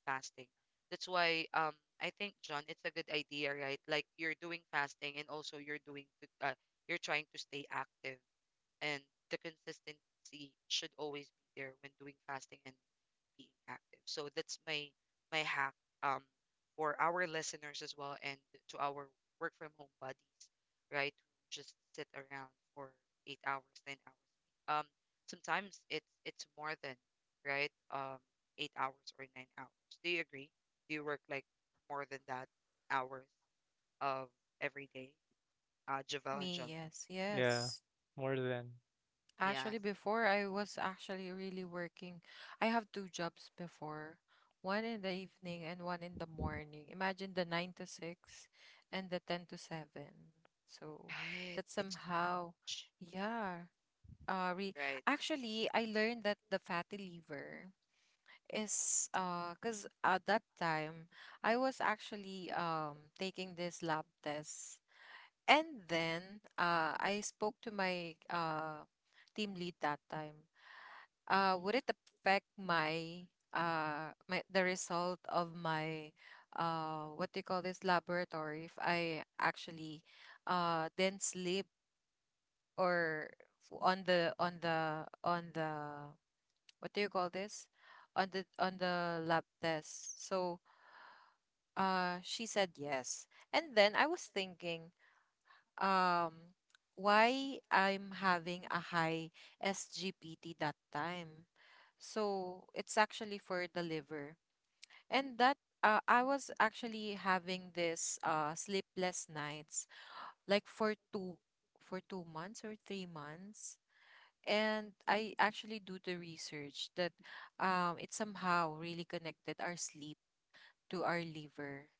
S1: fasting. That's why I think, John, it's a good idea, right? Like you're doing fasting and also you're trying to stay active, and the consistency should always be there when doing fasting and being active. So that's my hack um for our listeners as well, and to our work from home buddies, right? Who just sit around for 8 hours, 10 hours. Sometimes it's more than, right, 8 hours or 9 hours. Do you agree? Do you work like more than that hours of every day? Javel and
S2: Me,
S1: John.
S2: yes,
S3: Yeah.
S2: yes.
S3: More than.
S1: Yes.
S2: Actually, before I was actually really working. I have two jobs before, one in the evening and one in the morning. Imagine the 9 to 6 and the 10 to 7. So
S1: Right.
S2: that
S1: It's too
S2: somehow,
S1: much.
S2: yeah. Re
S1: Right.
S2: Actually, I learned that the fatty liver is, cause at that time I was actually taking this lab test, and then, I spoke to my, team lead that time, would it affect my, the result of my, what do you call this, laboratory, if I actually didn't sleep, or on the on the on the, what do you call this, on the lab test. So she said yes. And then I was thinking, um why I'm having a high SGPT that time. So it's actually for the liver. And that, I was actually having this sleepless nights like for 2 months or 3 months. And I actually do the research that it somehow really connected our sleep to our liver.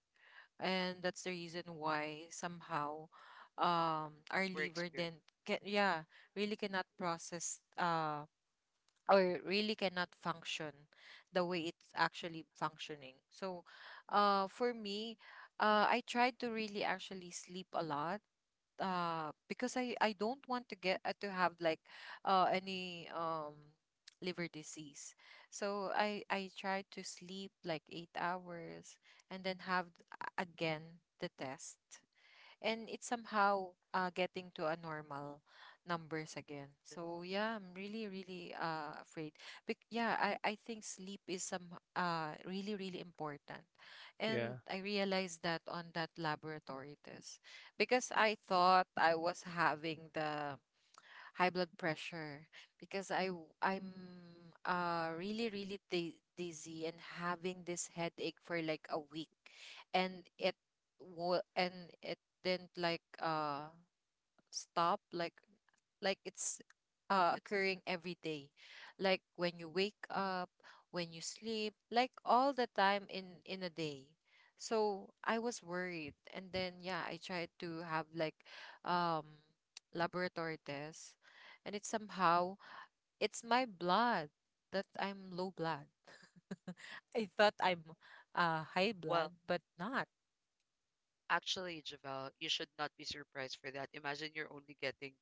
S2: And that's the reason why somehow, our
S1: We're
S2: liver
S1: experienced.
S2: then can, yeah, really cannot process, or really cannot function the way it's actually functioning. So, for me, I tried to really actually sleep a lot. Because I don't want to get, to have like, any liver disease. So I tried to sleep like 8 hours, and then have again the test, and it's somehow, getting to a normal numbers again. So yeah, I'm really, really afraid. But yeah, I think sleep is some really, really important,
S3: Yeah.
S2: and I realized that on that laboratory test because I thought I was having the high blood pressure. Because I'm really, really dizzy and having this headache for like a week, and and it didn't like, stop, like it's,
S1: It-
S2: occurring every day. Like when you wake up, when you sleep, like all the time in a day. So I was worried. And then, yeah, I tried to have like, um laboratory tests, and it's somehow, it's my blood, that I'm low blood. I thought I'm high
S1: Well,
S2: blood, but not.
S1: actually, Javel, you should not be surprised for that. Imagine you're only getting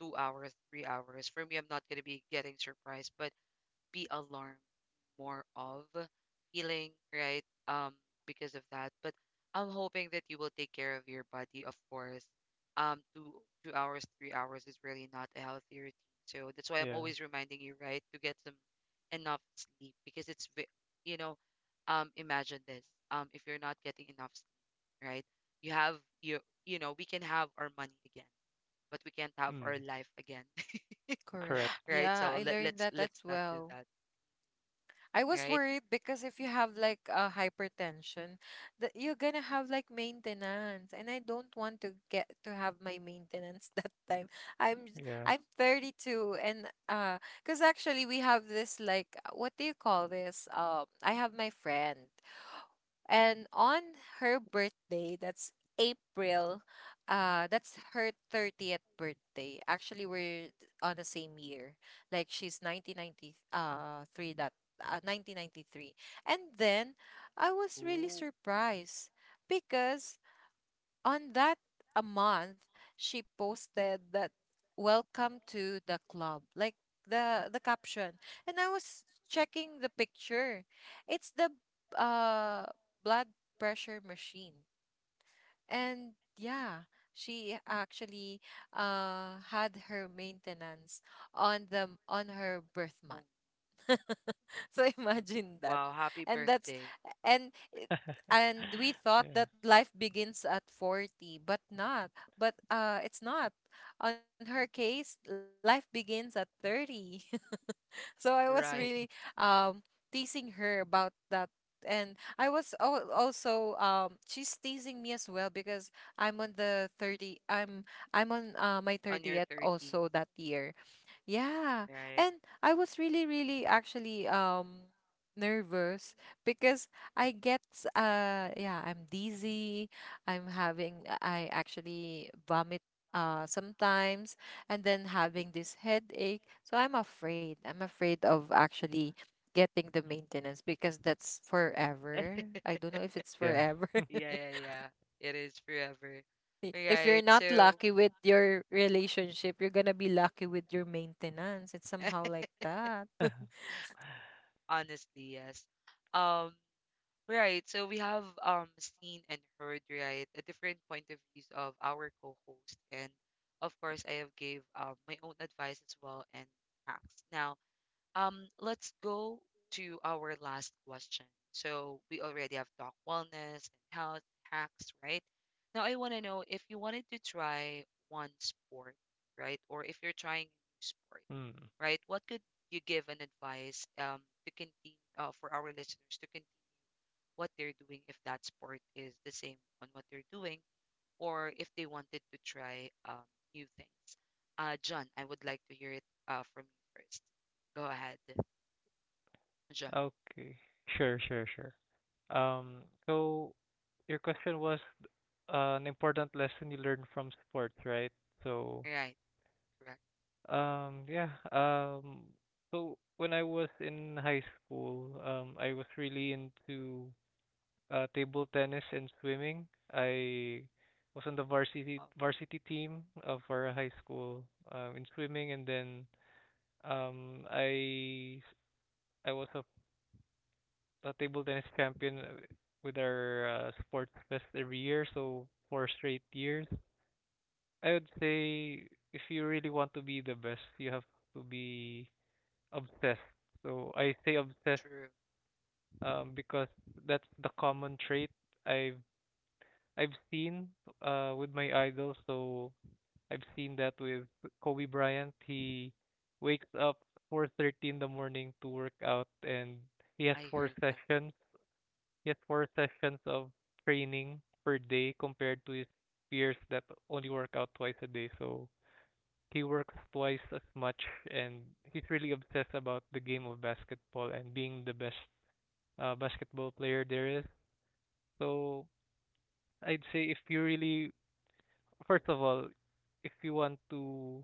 S1: 2 hours, 3 hours. For me, I'm not going to be getting surprised, but be alarmed, more of feeling, right? Um, because of that. But I'm hoping that you will take care of your body, of course. Um, two two hours, 3 hours is really not a healthy routine. So that's why I'm
S3: Yeah.
S1: always reminding you, right, to get some enough sleep because you know, imagine this. If you're not getting enough sleep, right? You have you you know, we can have our money again, but we can't have our
S3: Mm.
S1: life again,
S2: Correct.
S3: Correct.
S1: right?
S2: Yeah, I
S1: So let
S2: learned
S1: let's
S2: that as
S1: let's not do
S2: well.
S1: that,
S2: I was
S1: right?
S2: worried because if you have like a hypertension, that you're gonna have like maintenance, and I don't want to get to have my maintenance that time.
S3: Yeah.
S2: I'm 32, and, because actually we have this like, what do you call this? I have my friend. And on her birthday, that's April, that's her 30th birthday. Actually, we're on the same year. Like she's nineteen ninety three, that 1993. And then I was really
S1: Ooh.
S2: surprised because on that a month, she posted that "Welcome to the club," like the caption. And I was checking the picture. It's the uh blood pressure machine. And yeah, she actually had her maintenance on her birth
S1: Oh,
S2: month. So imagine that,
S1: wow, happy
S2: and that's
S1: birthday.
S2: and it, and we thought
S3: Yeah.
S2: that life begins at 40, but not, but it's not. On her case life begins at 30. So I was really,
S1: Right.
S2: um teasing her about that. And also, she's teasing me as well. Because I'm on the 30, I'm on, my
S1: On your
S2: 30th
S1: 30s,
S2: also that year, yeah.
S1: right?
S2: And I was really, really actually nervous because yeah, I'm dizzy. I actually vomit sometimes, and then
S1: Ooh.
S2: having this headache. So I'm afraid. I'm afraid of actually getting the maintenance because that's forever. I don't know if it's
S3: Yeah.
S2: forever.
S1: Yeah, yeah, yeah. It is forever.
S2: If you're
S1: Right.
S2: not
S1: So
S2: lucky with your relationship, you're gonna be lucky with your maintenance. It's somehow like that.
S1: honestly, yes. Um Right. So we have seen and heard, right, a different point of views of our co-host. And of course, I have gave my own advice as well, and hacks. Now, let's go to our last question. So we already have talk wellness and health hacks, right? Now I want to know if you wanted to try one sport, right? Or if you're trying a new sport,
S3: Mm.
S1: right? What could you give an advice to continue, for our listeners to continue what they're doing if that sport is the same on what they're doing, or if they wanted to try new things. John, I would like to hear it from you first. Go ahead, John.
S3: Okay. Sure, sure, sure. So your question was an important lesson you learned from sports, right? So
S1: Right, correct.
S3: um, yeah. So when I was in high school, I was really into table tennis and swimming. I was on the varsity
S1: Oh,
S3: varsity team of our high school in swimming, and then um, I I was a table tennis champion with our sports fest every year, so four straight years. I would say if you really want to be the best, you have to be obsessed. So I say obsessed
S1: true.
S3: because that's the common trait I've I've seen with my idols. So I've seen that with Kobe Bryant. He wakes up 4:30 in the morning to work out, and he has
S1: I
S3: four
S1: heard that.
S3: sessions. He has four sessions of training per day compared to his peers that only work out twice a day. So he works twice as much and he's really obsessed about the game of basketball and being the best basketball player there is. So I'd say if you really, first of all, if you want to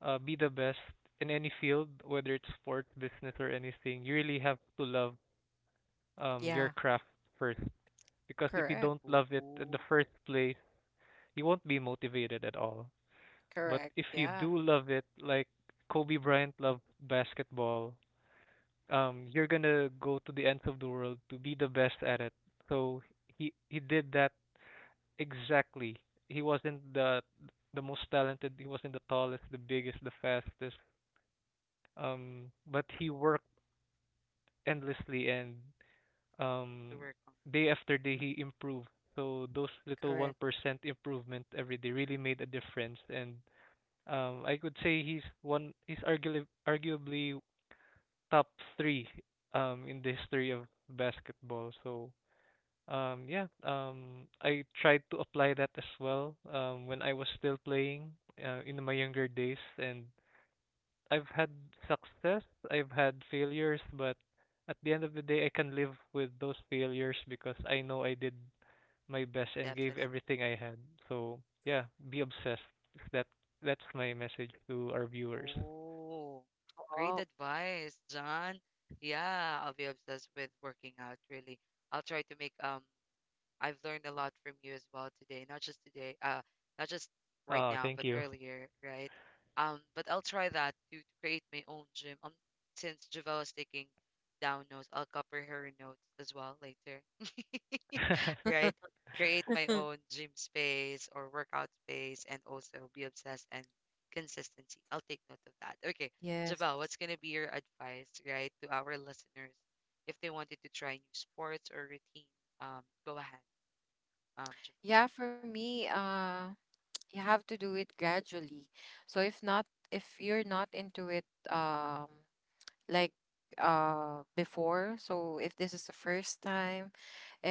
S3: be the best in any field, whether it's sports, business, or anything, you really have to love your
S2: Yeah,
S3: craft first. Because if you don't
S2: correct,
S3: love it at
S1: Oh,
S3: the first place, you won't be motivated at all. But if
S2: correct.
S3: you do
S2: Yeah,
S3: love it, like Kobe Bryant loved basketball, you're gonna go to the ends of the world to be the best at it. So he did that. Exactly. He wasn't the most talented, he wasn't the tallest, the biggest, the fastest. But he worked endlessly and
S1: to
S3: um
S1: work on.
S3: day after day he improved. So those little
S2: correct.
S3: 1% improvement every day really made a difference, and I could say he's one he's arguably top 3 in the history of basketball. So um, yeah, I tried to apply that as well when I was still playing in my younger days, and I've had success, I've had failures, but at the end of the day, I can live with those failures because I know I did my best and gave
S1: Definite.
S3: everything I had. So yeah, be obsessed. That that's my message to our viewers.
S1: Oh, great
S2: Oh,
S1: advice, John. Yeah, I'll be obsessed with working out, really. I'll try to make I've learned a lot from you as well today, not just right
S3: Oh,
S1: now,
S3: thank
S1: but
S3: you.
S1: earlier, right? But I'll try that to create my own gym. Since Javelle is taking down notes, I'll copy her notes as well later, right? Create my own gym space or workout space, and also be obsessed and consistency. I'll take note of that. Okay,
S2: yes.
S1: Javelle, what's gonna be your advice, right, to our listeners if they wanted to try new sports or routine? Go ahead, Javelle.
S2: Yeah, for me, you have to do it gradually. So if not, if you're not into it, um, like before, so if this is the first time,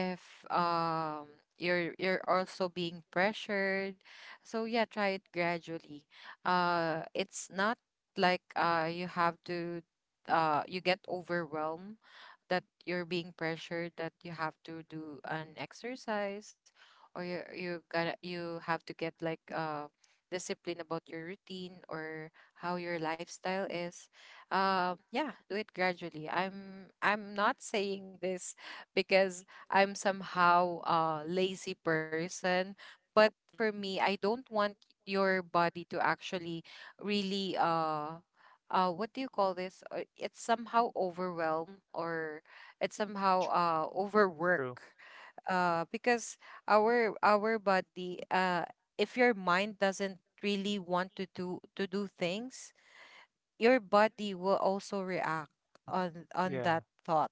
S2: if you're also being pressured. So yeah, try it gradually. It's not like, you have to you get overwhelmed, that you're being pressured that you have to do an exercise, or you have to get like discipline about your routine, or how your lifestyle is. Yeah, do it gradually. I'm not saying this because I'm somehow a lazy person. But for me, I don't want your body to actually really, what do you call this? It's somehow overwhelm, or it's somehow
S1: True.
S3: True.
S2: overwork. Because our body, if your mind doesn't really want to do things, your body will also react on
S3: Yeah,
S2: that thought.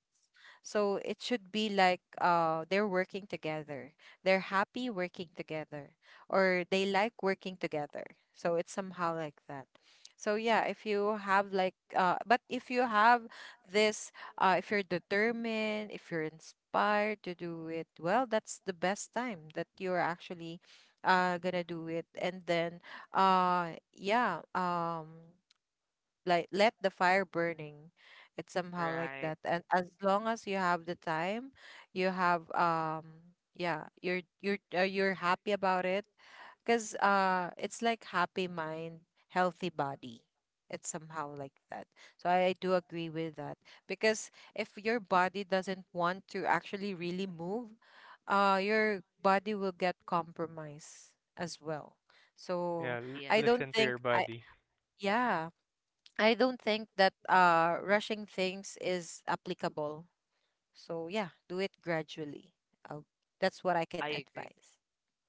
S2: So it should be like, they're working together. They're happy working together, or they like working together. So it's somehow like that. So yeah, if you have like but if you have this, if you're determined, if you're inspired to do it, well, that's the best time that you're actually gonna do it, and then, uh yeah um like, let the fire burning. It's somehow like
S1: Right.
S2: that. And as long as you have the time, you have, yeah, you're happy about it, because it's like happy mind, healthy body. It's somehow like that. So do agree with that, because if your body doesn't want to actually really move, your body will get compromised as well.
S3: yeah.
S2: So
S3: L-
S1: Yes,
S2: I don't
S3: listen to
S2: think
S3: your
S2: I
S3: body.
S2: yeah, I don't think that rushing things is applicable. So yeah, do it gradually. Oh, that's what I can
S1: I agree.
S2: advise.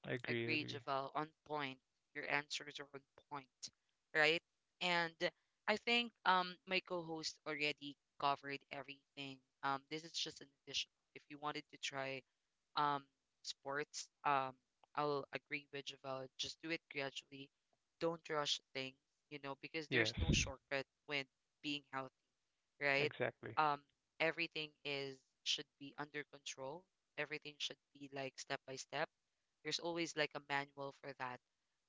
S3: I agree.
S1: Agree,
S3: Agree.
S1: Javel, on point. Your answers are on point, right? And I think my co-host already covered everything. This is just an additional. If you wanted to try um sports, I'll agree with Javel. Just do it gradually. Don't rush things, you know, because
S3: Yes.
S1: there's no shortcut with being healthy, right?
S3: Exactly.
S1: Um, Everything is should be under control. Everything should be like step by step. There's always like a manual for that.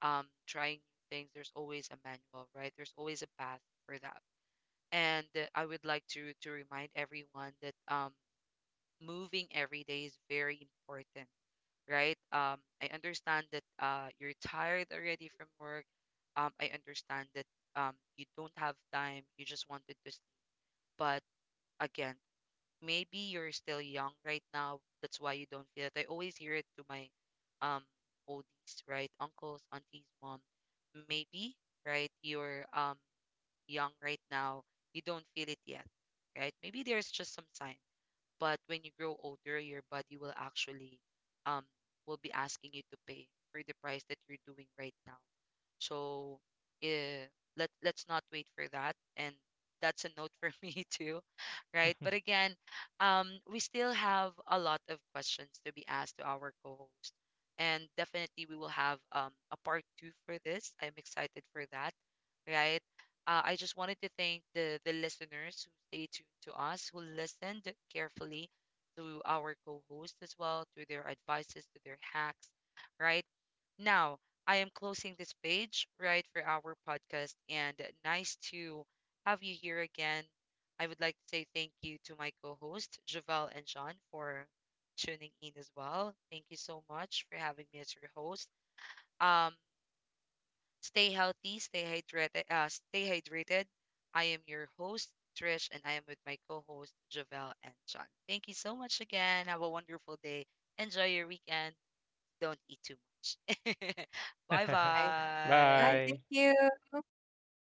S1: Trying new things, there's always a manual, right? There's always a path for that. And I would like to remind everyone that, moving every day is very important, right? I understand that you're tired already from work. I understand that, you don't have time. You just wanted to sleep, but again, maybe you're still young right now. That's why you don't feel it. I always hear it to my um oldies, right? Uncles, aunties, mom. Maybe, right? You're young right now. You don't feel it yet, right? Maybe there's just some signs, but when you grow older your body will actually um will be asking you to pay for the price that you're doing right now. So, eh, let's not wait for that, and that's a note for me too, right? But again, we still have a lot of questions to be asked to our co-host, and definitely we will have, um, a part 2 for this. I'm excited for that, right? I just wanted to thank the listeners who stay tuned to us, who listened carefully to our co-host as well, to their advices, to their hacks. Right now, I am closing this page right for our podcast, and nice to have you here again. I would like to say thank you to my co-host Javel and John for tuning in as well. Thank you so much for having me as your host. Um, Stay healthy, stay hydrated. Stay hydrated. I am your host, Trish, and I am with my co-host, Javel and John. Thank you so much again. Have a wonderful day. Enjoy your weekend. Don't eat too much. Bye
S2: Okay. Bye.
S1: bye.
S2: Thank
S3: Bye.
S2: you.
S3: Thank you.